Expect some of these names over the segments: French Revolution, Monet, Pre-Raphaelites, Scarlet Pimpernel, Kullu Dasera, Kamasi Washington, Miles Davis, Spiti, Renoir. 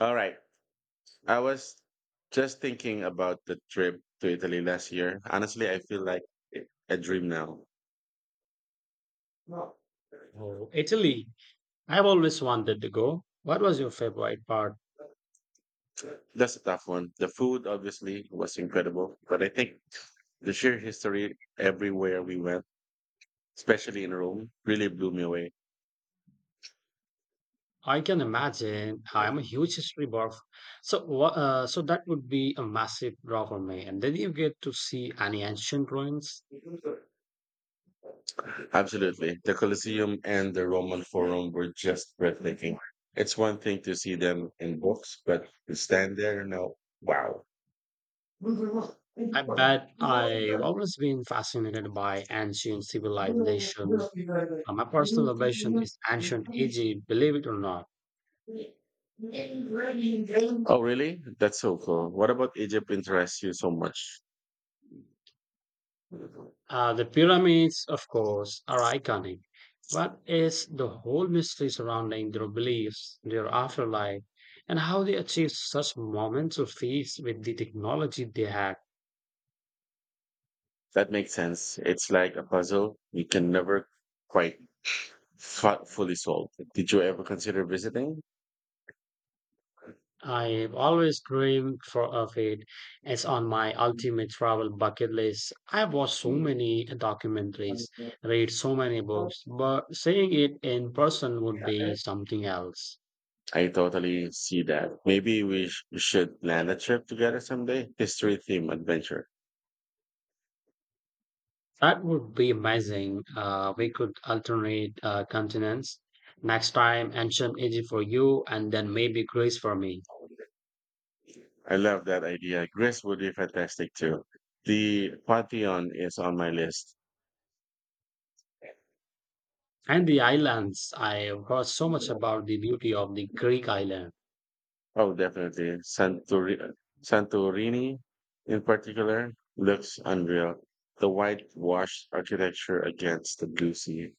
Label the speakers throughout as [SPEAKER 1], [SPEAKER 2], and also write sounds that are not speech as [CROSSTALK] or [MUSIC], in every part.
[SPEAKER 1] All right. I was just thinking about the trip to Italy last year. Honestly, I feel like a dream now.
[SPEAKER 2] Oh, Italy. I've always wanted to go. What was your favorite part?
[SPEAKER 1] That's a tough one. The food obviously was incredible, but I think the sheer history everywhere we went, especially in Rome, really blew me away.
[SPEAKER 2] I can imagine. I'm a huge history buff. So, so that would be a massive draw for me. And then you get to see any ancient ruins.
[SPEAKER 1] Absolutely. The Colosseum and the Roman Forum were just breathtaking. It's one thing to see them in books, but to stand there now, wow.
[SPEAKER 2] I
[SPEAKER 1] Oh,
[SPEAKER 2] bet I've always been fascinated by ancient civilization. My personal obsession is ancient Egypt, believe it or not.
[SPEAKER 1] really? That's so cool. What about Egypt interests you so much?
[SPEAKER 2] The pyramids, of course, are iconic. But what is the whole mystery surrounding their beliefs, their afterlife, and how they achieved such momentous feats with the technology they had?
[SPEAKER 1] That makes sense. It's like a puzzle you can never quite fully solve. Did you ever consider visiting?
[SPEAKER 2] I've always dreamed for of it. It's on my ultimate travel bucket list. I've watched so
[SPEAKER 1] Mm.
[SPEAKER 2] many documentaries, read so many books, but seeing it in person would be something else.
[SPEAKER 1] I totally see that. Maybe we should plan a trip together someday. History theme adventure.
[SPEAKER 2] That would be amazing. We could alternate continents. Next time, ancient Egypt for you, and then maybe Greece for me.
[SPEAKER 1] I love that idea. Greece would be fantastic too. The Pantheon is on my list.
[SPEAKER 2] And the islands. I heard so much about the beauty of the Greek island.
[SPEAKER 1] Oh, definitely. Santorini, in particular, looks unreal. The whitewashed architecture against the blue sea.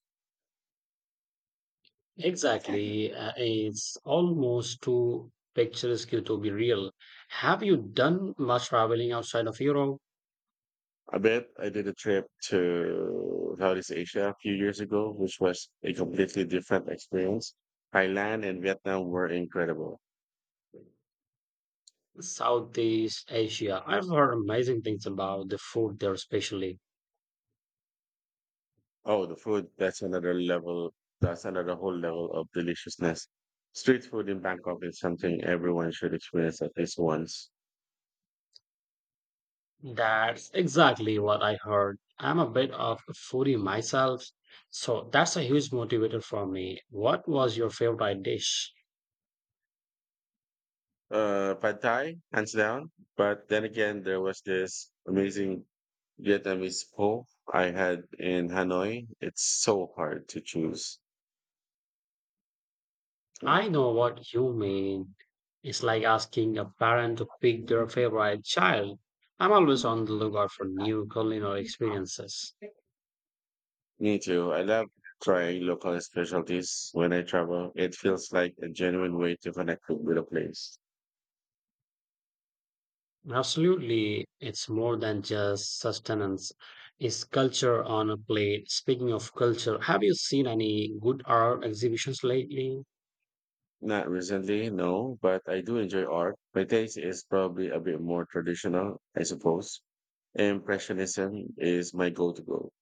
[SPEAKER 2] Exactly. It's almost too picturesque to be real. Have you done much traveling outside of Europe?
[SPEAKER 1] I bet I did a trip to Southeast Asia a few years ago, which was a completely different experience. Thailand and Vietnam were incredible.
[SPEAKER 2] Southeast Asia. I've heard amazing things about the food there, especially.
[SPEAKER 1] Oh, the food, that's another level, that's another whole level of deliciousness. Street food in Bangkok is something everyone should experience at least once.
[SPEAKER 2] That's exactly what I heard. I'm a bit of a foodie myself, so that's a huge motivator for me. What was your favorite dish?
[SPEAKER 1] Pad Thai, hands down. But then again, there was this amazing Vietnamese pho I had in Hanoi. It's so hard to choose.
[SPEAKER 2] I know what you mean. It's like asking a parent to pick their favorite child. I'm always on the lookout for new culinary experiences.
[SPEAKER 1] Me too. I love trying local specialties when I travel. It feels like a genuine way to connect with a place.
[SPEAKER 2] Absolutely, it's more than just sustenance. It's culture on a plate. Speaking of culture, have you seen any good art exhibitions lately?
[SPEAKER 1] Not recently, no, but I do enjoy art. My taste is probably a bit more traditional, I suppose. Impressionism is my go to go.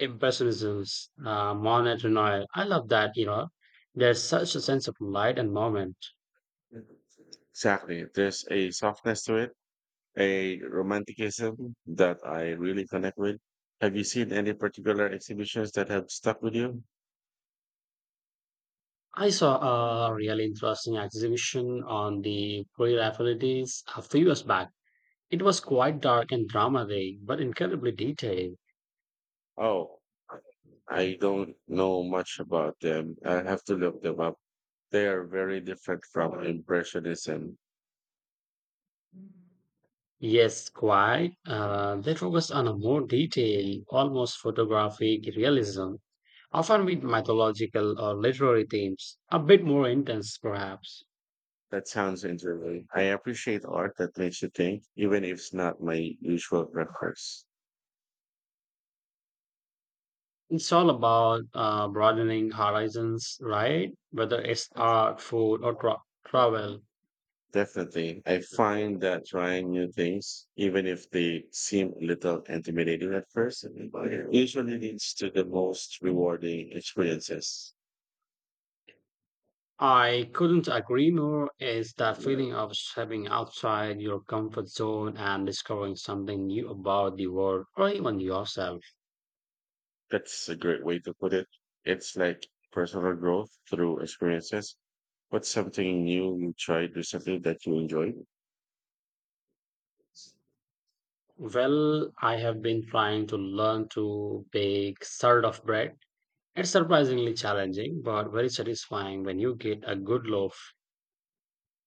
[SPEAKER 2] Impressionisms, Monet Renoir. I love that. There's such a sense of light and moment.
[SPEAKER 1] Exactly. There's a softness to it, a romanticism that I really connect with. Have you seen any particular exhibitions that have stuck with you?
[SPEAKER 2] I saw a really interesting exhibition on the Pre-Raphaelites a few years back. It was quite dark and dramatic, but incredibly detailed.
[SPEAKER 1] Oh, I don't know much about them. I have to look them up. They are very different from Impressionism.
[SPEAKER 2] Yes, quite. They focused on a more detailed, almost photographic realism, often with mythological or literary themes, a bit more intense, perhaps.
[SPEAKER 1] That sounds interesting. I appreciate art that makes you think, even if it's not my usual preference.
[SPEAKER 2] It's all about broadening horizons, right? Whether it's art, food, or travel.
[SPEAKER 1] Definitely. I find that trying new things, even if they seem a little intimidating at first, usually leads to the most rewarding experiences.
[SPEAKER 2] I couldn't agree more. Is that feeling of stepping outside your comfort zone and discovering something new about the world or even yourself?
[SPEAKER 1] That's a great way to put it. It's like personal growth through experiences. What's something new you tried recently that you enjoyed?
[SPEAKER 2] Well, I have been trying to learn to bake sort of bread. It's surprisingly challenging, but very satisfying when you get a good loaf.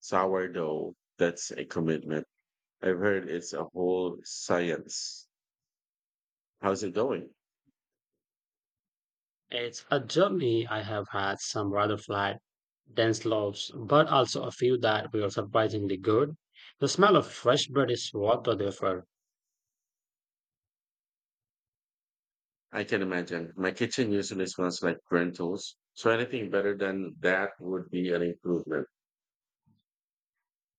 [SPEAKER 1] Sourdough. That's a commitment. I've heard it's a whole science. How's it going?
[SPEAKER 2] It's a journey. I have had some rather flat, dense loaves, but also a few that were surprisingly good. The smell of fresh bread is worth the effort.
[SPEAKER 1] I can imagine. My kitchen usually smells like burnt toast, so anything better than that would be an improvement.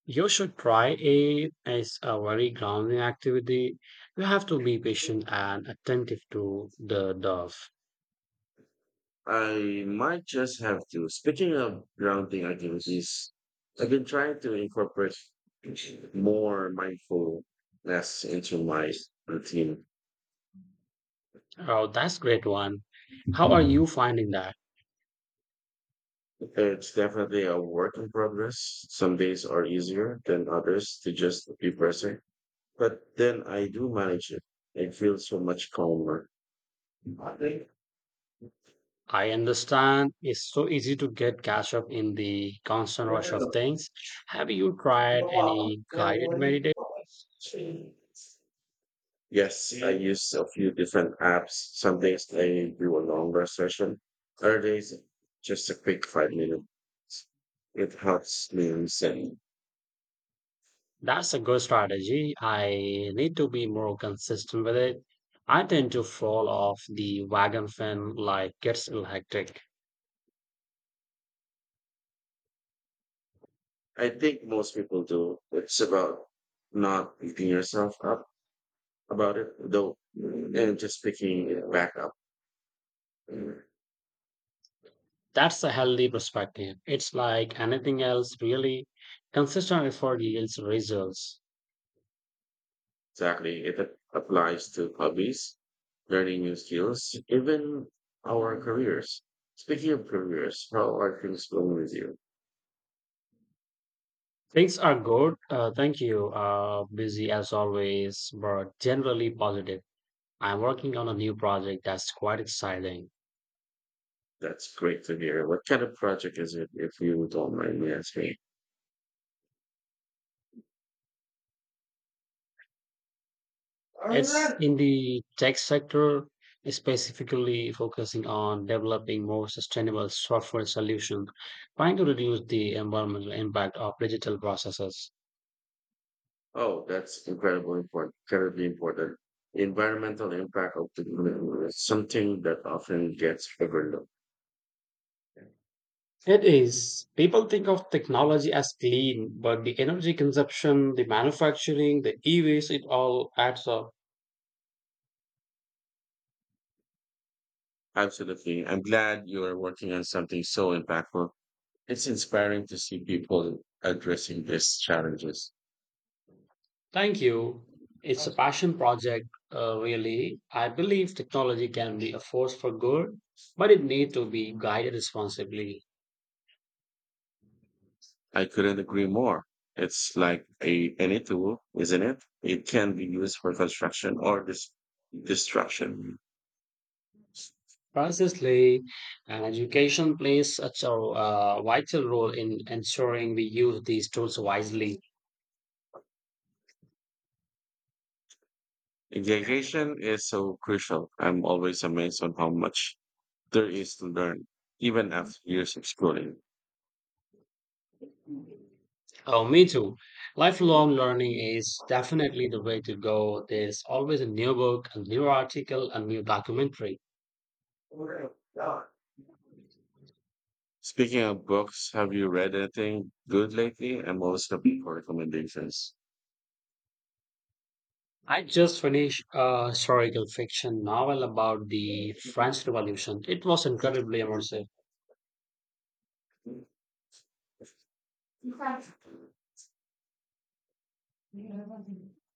[SPEAKER 2] You should try it. It's a very grounding activity. You have to be patient and attentive to the dove.
[SPEAKER 1] I might just have to. Speaking of grounding activities, I've been trying to incorporate more mindfulness into my routine.
[SPEAKER 2] Oh, that's great one. How are you finding that?
[SPEAKER 1] It's definitely a work in progress. Some days are easier than others to just be present. But then I do manage it. I feel so much calmer.
[SPEAKER 2] I understand it's so easy to get catch up in the constant rush of things. Have you tried any guided meditation?
[SPEAKER 1] Yes, I use a few different apps. Some days I do a longer session. Other days, just a quick 5 minutes. It helps me reset.
[SPEAKER 2] That's a good strategy. I need to be more consistent with it. I tend to fall off the wagon when life gets hectic.
[SPEAKER 1] I think most people do. It's about not beating yourself up about it, though, and just picking it back up.
[SPEAKER 2] That's a healthy perspective. It's like anything else, really. Consistent effort yields results.
[SPEAKER 1] Exactly. It applies to hobbies, learning new skills, even our careers. Speaking of careers, how are things going with you?
[SPEAKER 2] Things are good. Thank you. Busy as always, but generally positive. I'm working on a new project that's quite exciting.
[SPEAKER 1] That's great to hear. What kind of project is it, if you don't mind me asking?
[SPEAKER 2] It's
[SPEAKER 1] Alright.
[SPEAKER 2] in the tech sector, specifically focusing on developing more sustainable software solutions, trying to reduce the environmental impact of digital processes.
[SPEAKER 1] Oh, that's incredibly important, incredibly important. Environmental impact of the environment is something that often gets overlooked.
[SPEAKER 2] It is. People think of technology as clean, but the energy consumption, the manufacturing, the e waste, it all adds up.
[SPEAKER 1] Absolutely. I'm glad you are working on something so impactful. It's inspiring to see people addressing these challenges.
[SPEAKER 2] Thank you. It's a passion project, really. I believe technology can be a force for good, but it needs to be guided responsibly.
[SPEAKER 1] I couldn't agree more. It's like a any tool, isn't it? It can be used for construction or destruction.
[SPEAKER 2] Precisely, and education plays such a vital role in ensuring we use these tools wisely.
[SPEAKER 1] Education is so crucial. I'm always amazed on how much there is to learn, even after years of schooling.
[SPEAKER 2] Oh, me too. Lifelong learning is definitely the way to go. There's always a new book, a new article, a new documentary.
[SPEAKER 1] Speaking of books, have you read anything good lately? I'm always looking for recommendations.
[SPEAKER 2] I just finished a historical fiction novel about the French Revolution. It was incredibly immersive.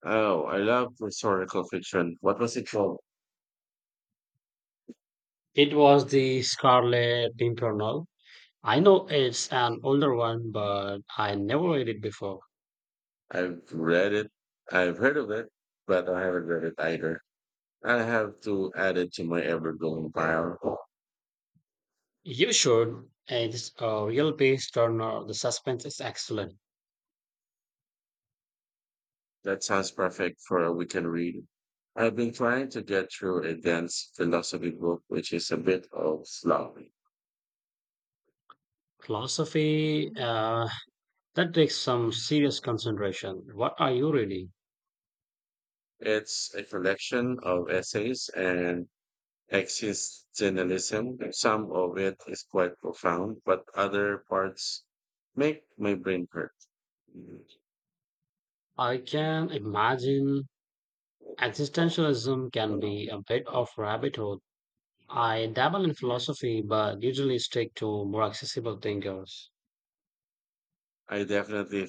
[SPEAKER 1] Oh, I love historical fiction. What was it called?
[SPEAKER 2] It was the Scarlet Pimpernel. I know it's an older one, but I never read it before.
[SPEAKER 1] I've read it. I've heard of it, but I haven't read it either. I have to add it to my ever-growing pile.
[SPEAKER 2] You should. It's a real page turner. The suspense is excellent.
[SPEAKER 1] That sounds perfect for a weekend read. I've been trying to get through a dense philosophy book, which is a bit of slog.
[SPEAKER 2] Philosophy, that takes some serious concentration. What are you reading?
[SPEAKER 1] It's a collection of essays and existentialism. Some of it is quite profound, but other parts make my brain hurt.
[SPEAKER 2] I can imagine existentialism can be a bit of rabbit hole. I dabble in philosophy, but usually stick to more accessible thinkers.
[SPEAKER 1] I definitely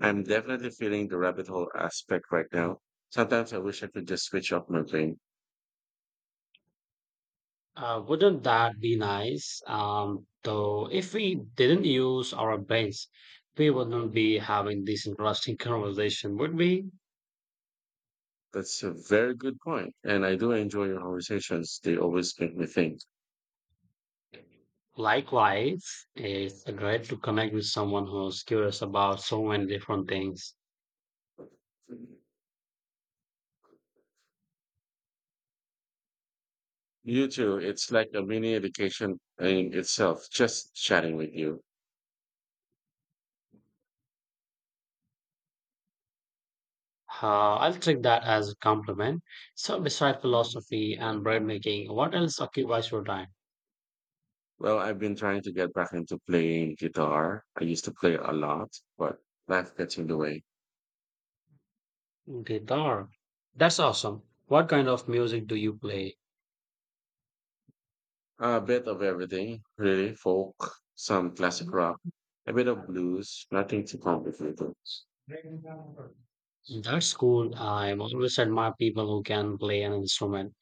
[SPEAKER 1] I'm definitely feeling the rabbit hole aspect right now. Sometimes I wish I could just switch off my brain.
[SPEAKER 2] Wouldn't that be nice? Though, if we didn't use our brains, we wouldn't be having this interesting [LAUGHS] conversation, would we?
[SPEAKER 1] That's a very good point, and I do enjoy your conversations. They always make me think.
[SPEAKER 2] Likewise, it's great to connect with someone who's curious about so many different things.
[SPEAKER 1] You too. It's like a mini education in itself, just chatting with you.
[SPEAKER 2] I'll take that as a compliment. So, besides philosophy and bread making, what else occupies your time?
[SPEAKER 1] Well, I've been trying to get back into playing guitar. I used to play a lot, but life gets in the way.
[SPEAKER 2] Guitar. That's awesome. What kind of music do you play?
[SPEAKER 1] A bit of everything, really. Folk, some classic rock, a bit of blues, nothing too complicated.
[SPEAKER 2] That's cool. I always admire people who can play an instrument.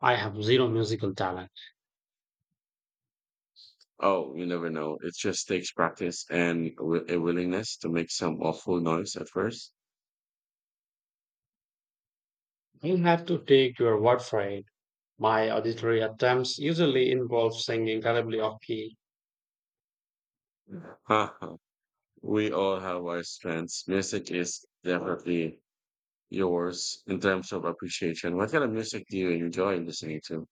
[SPEAKER 2] I have zero musical talent.
[SPEAKER 1] Oh, you never know. It just takes practice and a willingness to make some awful noise at first.
[SPEAKER 2] You'll have to take your word for it. My auditory attempts usually involve singing terribly off key.
[SPEAKER 1] [LAUGHS] We all have our strengths. Music is definitely yours in terms of appreciation. What kind of music do you enjoy listening to?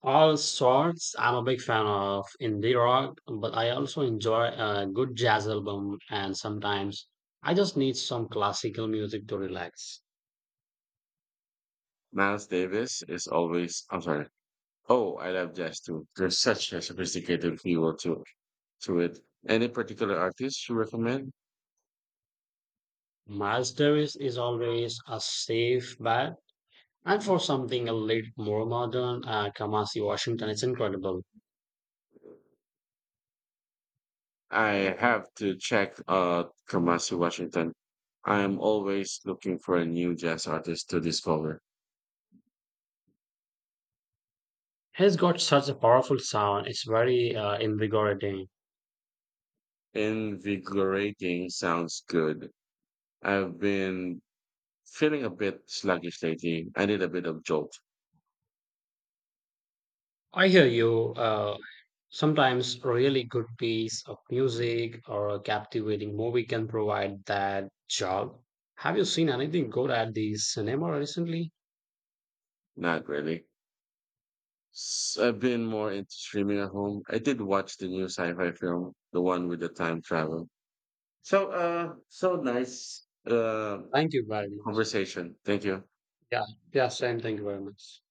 [SPEAKER 2] All sorts. I'm a big fan of indie rock, but I also enjoy a good jazz album, and sometimes I just need some classical music to relax.
[SPEAKER 1] Miles Davis is always, I'm sorry. Oh, I love jazz too. There's such a sophisticated feel to it. Any particular artist you recommend?
[SPEAKER 2] Miles Davis is always a safe bet, and for something a little more modern, Kamasi Washington is incredible.
[SPEAKER 1] I have to check Kamasi, Washington. I am always looking for a new jazz artist to discover.
[SPEAKER 2] He's got such a powerful sound. It's very invigorating.
[SPEAKER 1] Invigorating sounds good. I've been feeling a bit sluggish lately. I need a bit of jolt.
[SPEAKER 2] I hear you. Sometimes a really good piece of music or a captivating movie can provide that jolt. Have you seen anything good at the cinema recently?
[SPEAKER 1] Not really. I've been more into streaming at home. I did watch the new sci-fi film, the one with the time travel. So nice
[SPEAKER 2] Thank you very much.
[SPEAKER 1] conversation. Thank you.
[SPEAKER 2] Yeah, yeah, same. Thank you very much.